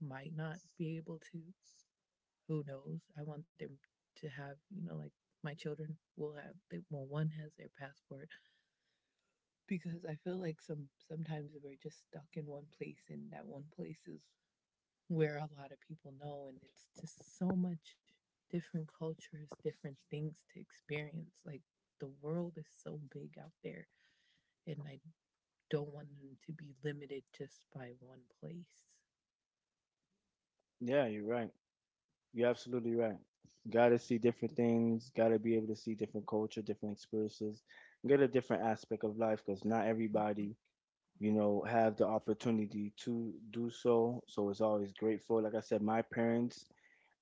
might not be able to. Who knows? I want them to have, like my children will have, well, one has their passport because I feel like sometimes we're just stuck in one place, and that one place is where a lot of people know, and it's just so much different cultures, different things to experience. Like the world is so big out there, and I don't want them to be limited just by one place. yeah, you're right. You're absolutely right. Gotta see different things. Gotta be able to see different culture, different experiences, get a different aspect of life because not everybody, you know, have the opportunity to do so. So it's always grateful. Like I said, my parents,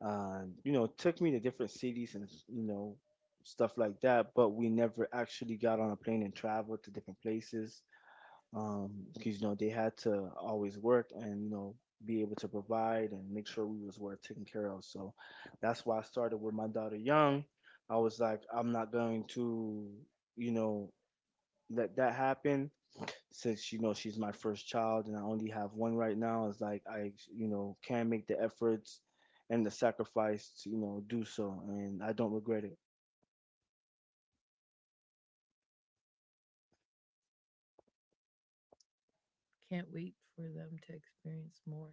you know, took me to different cities and, you know, stuff like that, but we never actually got on a plane and traveled to different places, because, you know, they had to always work and, you know, be able to provide and make sure we was well taken care of. So that's why I started with my daughter young. I was like, I'm not going to, you know, let that happen since you know she's my first child and I only have one right now. It's like I you know can make the efforts and the sacrifice to you know do so, and I don't regret it. Can't wait for them to experience more.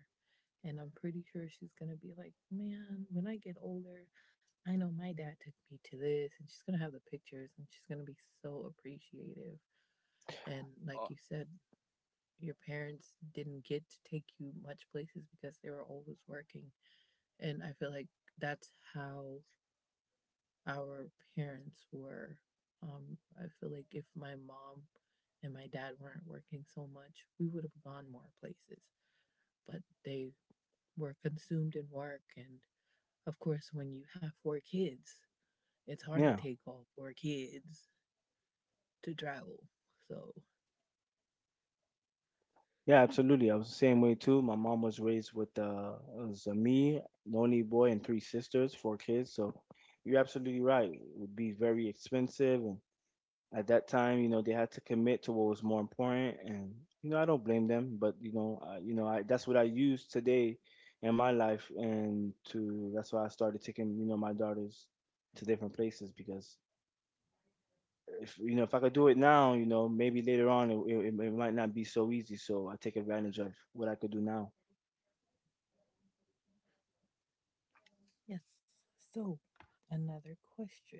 And I'm pretty sure she's going to be like, man, when I get older, I know my dad took me to this. And she's going to have the pictures and she's going to be so appreciative. And like Oh. you said, your parents didn't get to take you much places because they were always working. And I feel like that's how our parents were. I feel like if my mom and my dad weren't working so much, we would have gone more places. But they we're consumed in work. And of course, when you have four kids, it's hard to Yeah, take off four kids to travel. So, yeah, absolutely. I was the same way too. My mom was raised with it was me, the only boy, and three sisters, four kids. So you're absolutely right. It would be very expensive and at that time, you know, they had to commit to what was more important, and you know, I don't blame them, but you know, I that's what I use today in my life, and to that's why I started taking you know my daughters to different places because if you know if I could do it now, you know, maybe later on it might not be so easy. So I take advantage of what I could do now. yes. So, another question.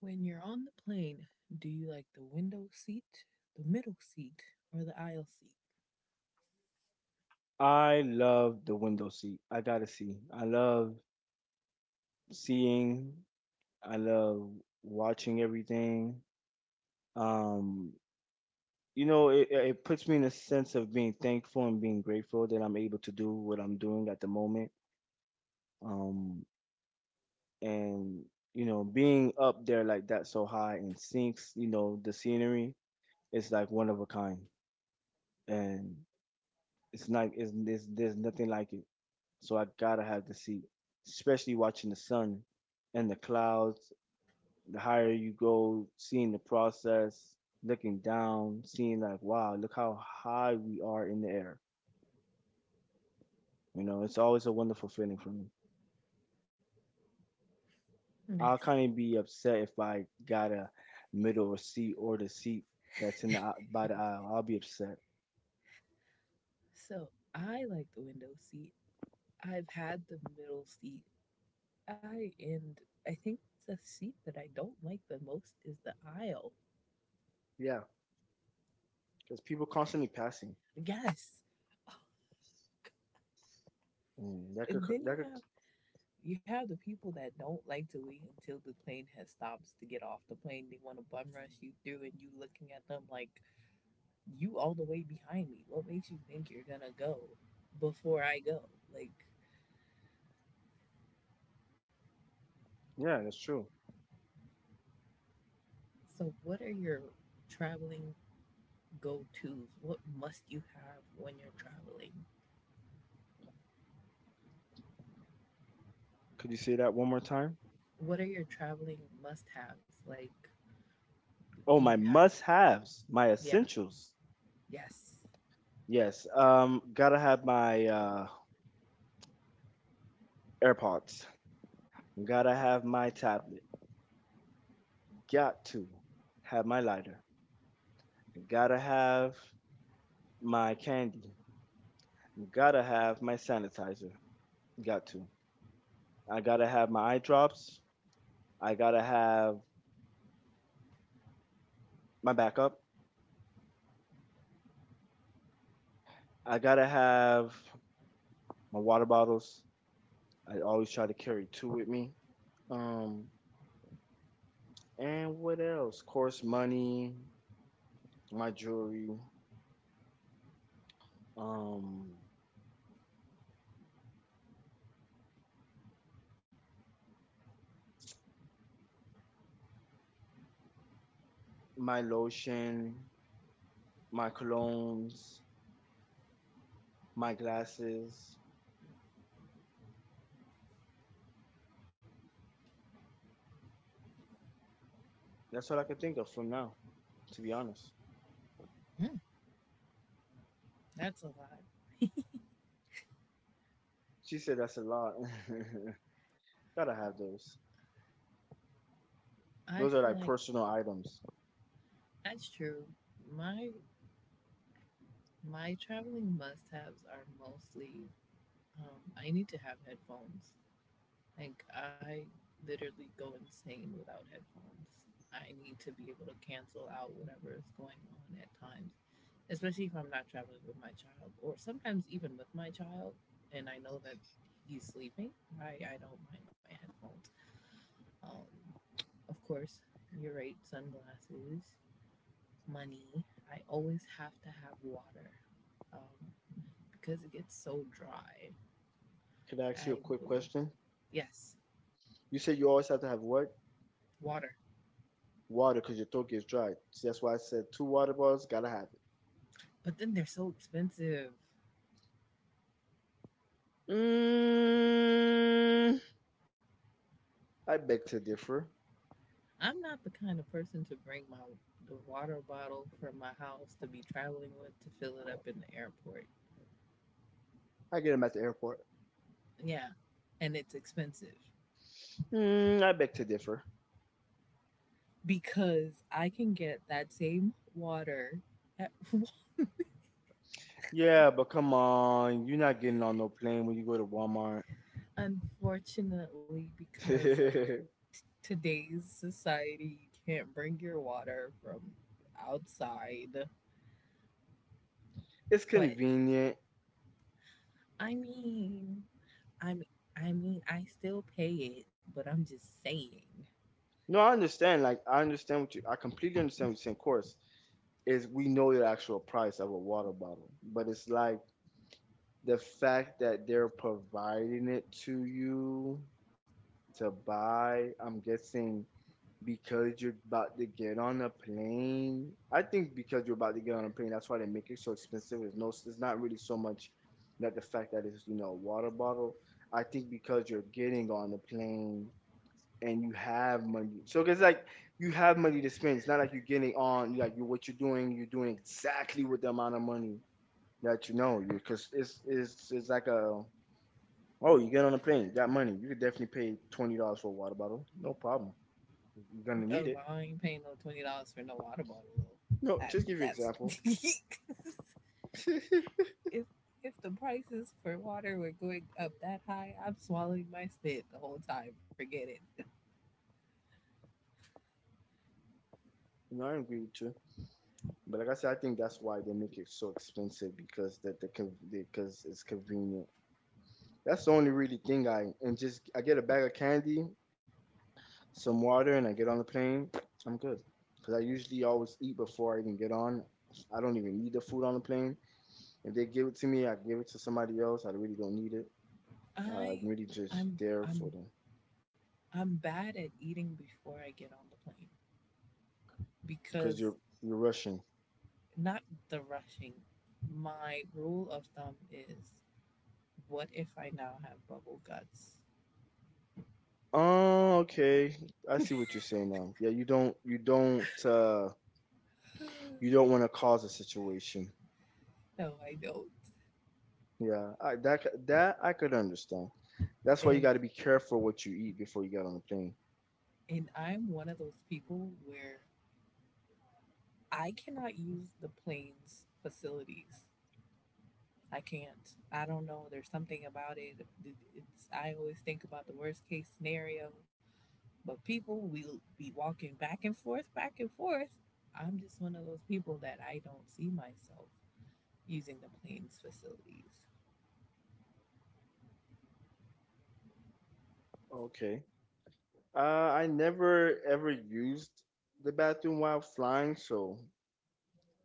When you're on the plane, do you like the window seat, the middle seat, or the aisle seat? I love the window seat. I gotta see. I love seeing. I love watching everything. Um, you know, it puts me in a sense of being thankful and being grateful that I'm able to do what I'm doing at the moment. Um, and you know, being up there like that so high and sinks, you know, the scenery is like one of a kind, and it's like it's there's nothing like it. So I gotta have the seat, especially watching the sun and the clouds. The higher you go, seeing the process, looking down, seeing like, wow, look how high we are in the air. You know, it's always a wonderful feeling for me. Nice. I'll kind of be upset if I got a middle seat or the seat that's in the by the aisle. I'll be upset. so, I like the window seat. I've had the middle seat. I and I think the seat that I don't like the most is the aisle. Yeah, because people constantly passing. Yes. Mm, that could And then that could you have the people that don't like to wait until the plane has stops to get off the plane. They want to bum rush you through, and you looking at them like you all the way behind me. What makes you think you're gonna go before I go? Like, yeah, that's true. so what are your traveling go-tos? What must you have when you're traveling? Could you say that one more time? What are your traveling must-haves? Like, do Oh, you my have to? must-haves, my Yeah. essentials. Yes. Yes. Gotta have my AirPods. Gotta have my tablet. Got to have my lighter. Gotta have my candy. Gotta have my sanitizer. Got to. I gotta have my eye drops. I gotta have my backup. I gotta have my water bottles. I always try to carry two with me. Um, and what else? Of course, money, my jewelry, um, my lotion, my colognes, my glasses. That's all I can think of from now, to be honest. Hmm, that's a lot. She said that's a lot. Gotta have those. I Those are feel like like personal items. that's true. My My traveling must-haves are mostly I need to have headphones. Like I literally go insane without headphones. I need to be able to cancel out whatever is going on at times, especially if I'm not traveling with my child, or sometimes even with my child, and I know that he's sleeping. I don't mind my headphones. Um, of course, you're right. Sunglasses, money. I always have to have water. Um, because it gets so dry. Could I ask you a I quick boo. question? Yes, You said you always have to have what? water. Water, because your throat gets dry. See, that's why I said two water bottles, gotta have it. But then they're so expensive. Mm, I beg to differ. I'm not the kind of person to bring my the water bottle from my house to be traveling with to fill it up in the airport. I get them at the airport. Yeah, and it's expensive Mm, I beg to differ. because I can get that same water. At, Yeah, but come on, you're not getting on no plane when you go to Walmart. unfortunately, because of today's society, you can't bring your water from outside. It's But convenient. I mean, I mean, I mean, I still pay it, but I'm just saying. No, I understand. Like I understand what you. I completely understand what you're saying. Of course, is we know the actual price of a water bottle, but it's like the fact that they're providing it to you to buy. I'm guessing because you're about to get on a plane. I think because you're about to get on a plane, that's why they make it so expensive. It's no, it's not really so much that the fact that it's you know a water bottle. I think because you're getting on the plane and you have money, so it's like you have money to spend. It's not like you're getting on like you what you're doing. You're doing exactly with the amount of money that you know because it's like a oh, you get on a plane, you got money. You could definitely pay $20 for a water bottle. No problem. You're gonna Oh, need well, it. I ain't paying no $20 for no water bottle though. No, I, just give you an that's example. If the prices for water were going up that high, I'm swallowing my spit the whole time. Forget it. No, I agree with you. But like I said, I think that's why they make it so expensive because that the because it's convenient. That's the only really thing I and just I get a bag of candy, some water, and I get on the plane. I'm good because I usually always eat before I even get on. I don't even need the food on the plane. If they give it to me, I give it to somebody else. I really don't need it. I'm I, really just I'm, there for I'm, the I'm bad at eating before I get on the plane because because you're Russian. not the rushing. My rule of thumb is: what if I now have bubble guts? Oh, okay. I see what you're saying now. Yeah, you don't you don't want to cause a situation. No, I don't. Yeah, I, that I could understand. That's why you And got to be careful what you eat before you get on the plane. and I'm one of those people where I cannot use the plane's facilities. I can't. I don't know. There's something about it. It's, I always think about the worst case scenario. But people will be walking back and forth, back and forth. I'm just one of those people that I don't see myself using the plane's facilities. Okay. Uh, I never ever used the bathroom while flying, so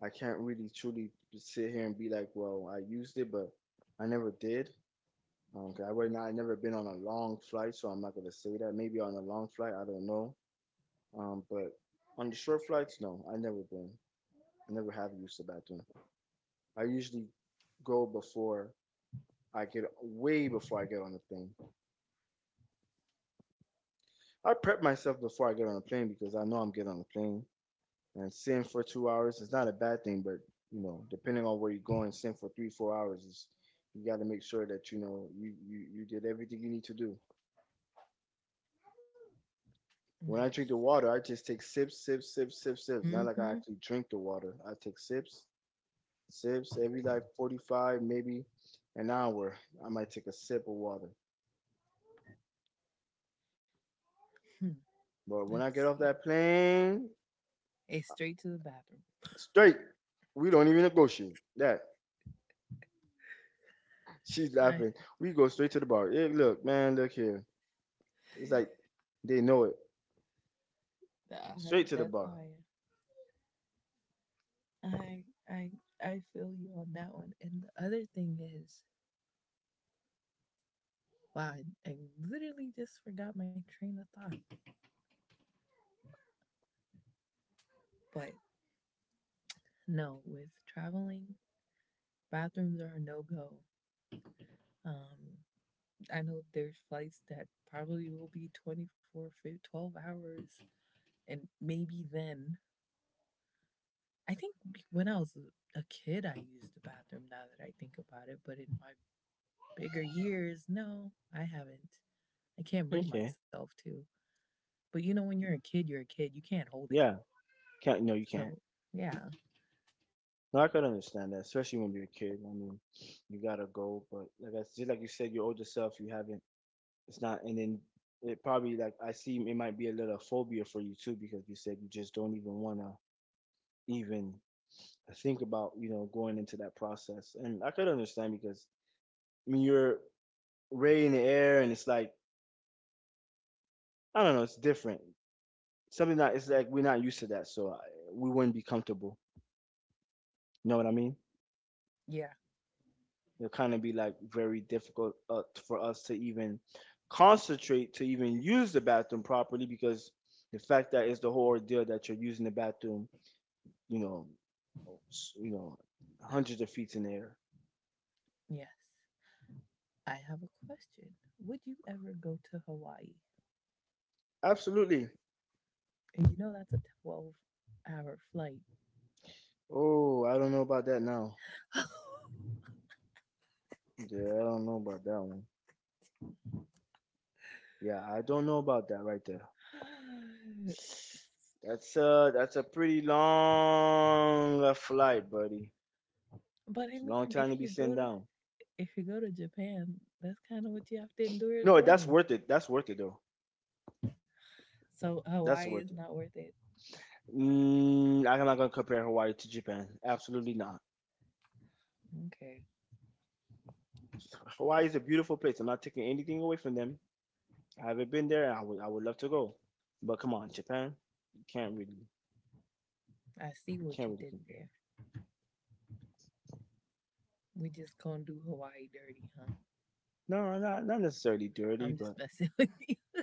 I can't really truly sit here and be like, well, I used it, but I never did. 'Cause I right now I never been on a long flight, so I'm not gonna say that. Maybe on a long flight, I don't know. But on the short flights, no, I never been. I never have used the bathroom. I usually go before I get way before I get on the plane. I prep myself before I get on the plane because I know I'm getting on the plane. And sitting for 2 hours is not a bad thing, but you know, depending on where you're going, sitting for three, 4 hours is you got to make sure that you know you did everything you need to do. When I Nice. drink the water, I just take sips, sips, sips, sips, sips. Not like I Mm-hmm. actually drink the water. I take sips, sips every like 45, maybe an hour. I might take a sip of water. Hmm. But Let's when I get see. off that plane, It's straight to the bathroom. straight, we don't even negotiate. That she's I, laughing. We go straight to the bar. Yeah, look, man, look here. It's like they know it. I Straight to the that's how bar. I am. I I I feel you on that one. And the other thing is, wow, I literally just forgot my train of thought. But no, with traveling, bathrooms are a no go. Um, I know there's flights that probably will be 24, 12 hours, and maybe then. I think when I was a kid, I used the bathroom now that I think about it, but in my bigger years, no, I haven't. I can't bring Okay. myself to. But you know, when you're a kid, you're a kid. You can't hold it. Yeah. Can't. No, you can't. So, yeah, No, I can understand that, especially when you're a kid. I mean, you gotta go, but like I just like you said, your older self, you haven't it's not, and then it probably like I see it might be a little phobia for you too because you said you just don't even want to even think about you know going into that process. And I could understand because I mean you're ray in the air and it's like I don't know, it's different. Something that it's like we're not used to that, so I, we wouldn't be comfortable. You know what I mean? yeah, It'll kind of be like very difficult for us to even concentrate to even use the bathroom properly because the fact that it's the whole ordeal that you're using the bathroom you know, you know, hundreds of feet in the air. yes. I have a question. Would you ever go to Hawaii? Absolutely. And you know, that's a 12-hour flight. Oh, I don't know about that now. Yeah, I don't know about that one. Yeah, I don't know about that right there. That's a pretty long flight, buddy. but I It's a long mean, time to be sitting down. if you go to Japan, that's kind of what you have to endure as No, that's well. worth it. That's worth it though. So That's Hawaii is worth it. not worth it. Mm, I'm not gonna compare Hawaii to Japan. Absolutely not. Okay, Hawaii is a beautiful place. I'm not taking anything away from them. I haven't been there. I would love to go, but come on, Japan, you I see what can't you really did compare. there. We just gonna do Hawaii dirty, huh? No, not not necessarily dirty, I'm just but messing with you.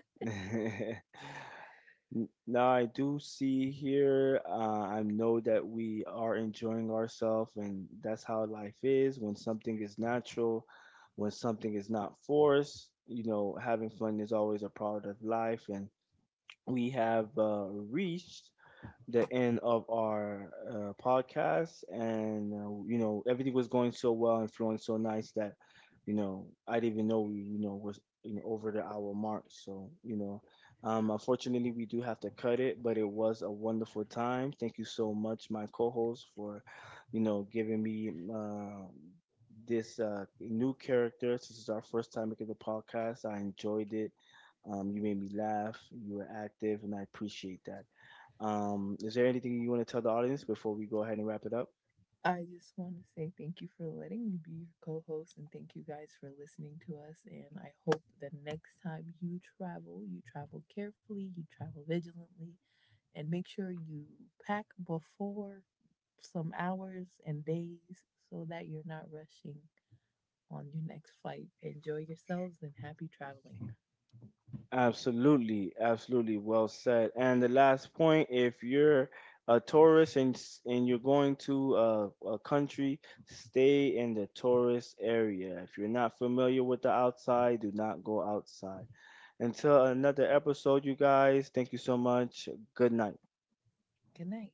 now I do see here. I know that we are enjoying ourselves, and that's how life is. When something is natural, when something is not forced, you know, having fun is always a part of life, and we have reached the end of our podcast, and you know everything was going so well and flowing so nice that you know I didn't even know we you know was you know over the hour mark. So you know, unfortunately we do have to cut it, but it was a wonderful time. Thank you so much, my co-host, for you know giving me this new character. This is our first time making the podcast. I enjoyed it. You made me laugh. You were active, and I appreciate that. Is there anything you want to tell the audience before we go ahead and wrap it up? I just want to say thank you for letting me be your co host and thank you guys for listening to us. And I hope that next time you travel carefully, you travel vigilantly, and make sure you pack before some hours and days so that you're not rushing on your next flight. Enjoy yourselves and happy traveling. Absolutely, absolutely. Well said. And the last point, if you're a tourist and and you're going to a country, stay in the tourist area. If you're not familiar with the outside, do not go outside. Until another episode, you guys, thank you so much. Good night. Good night.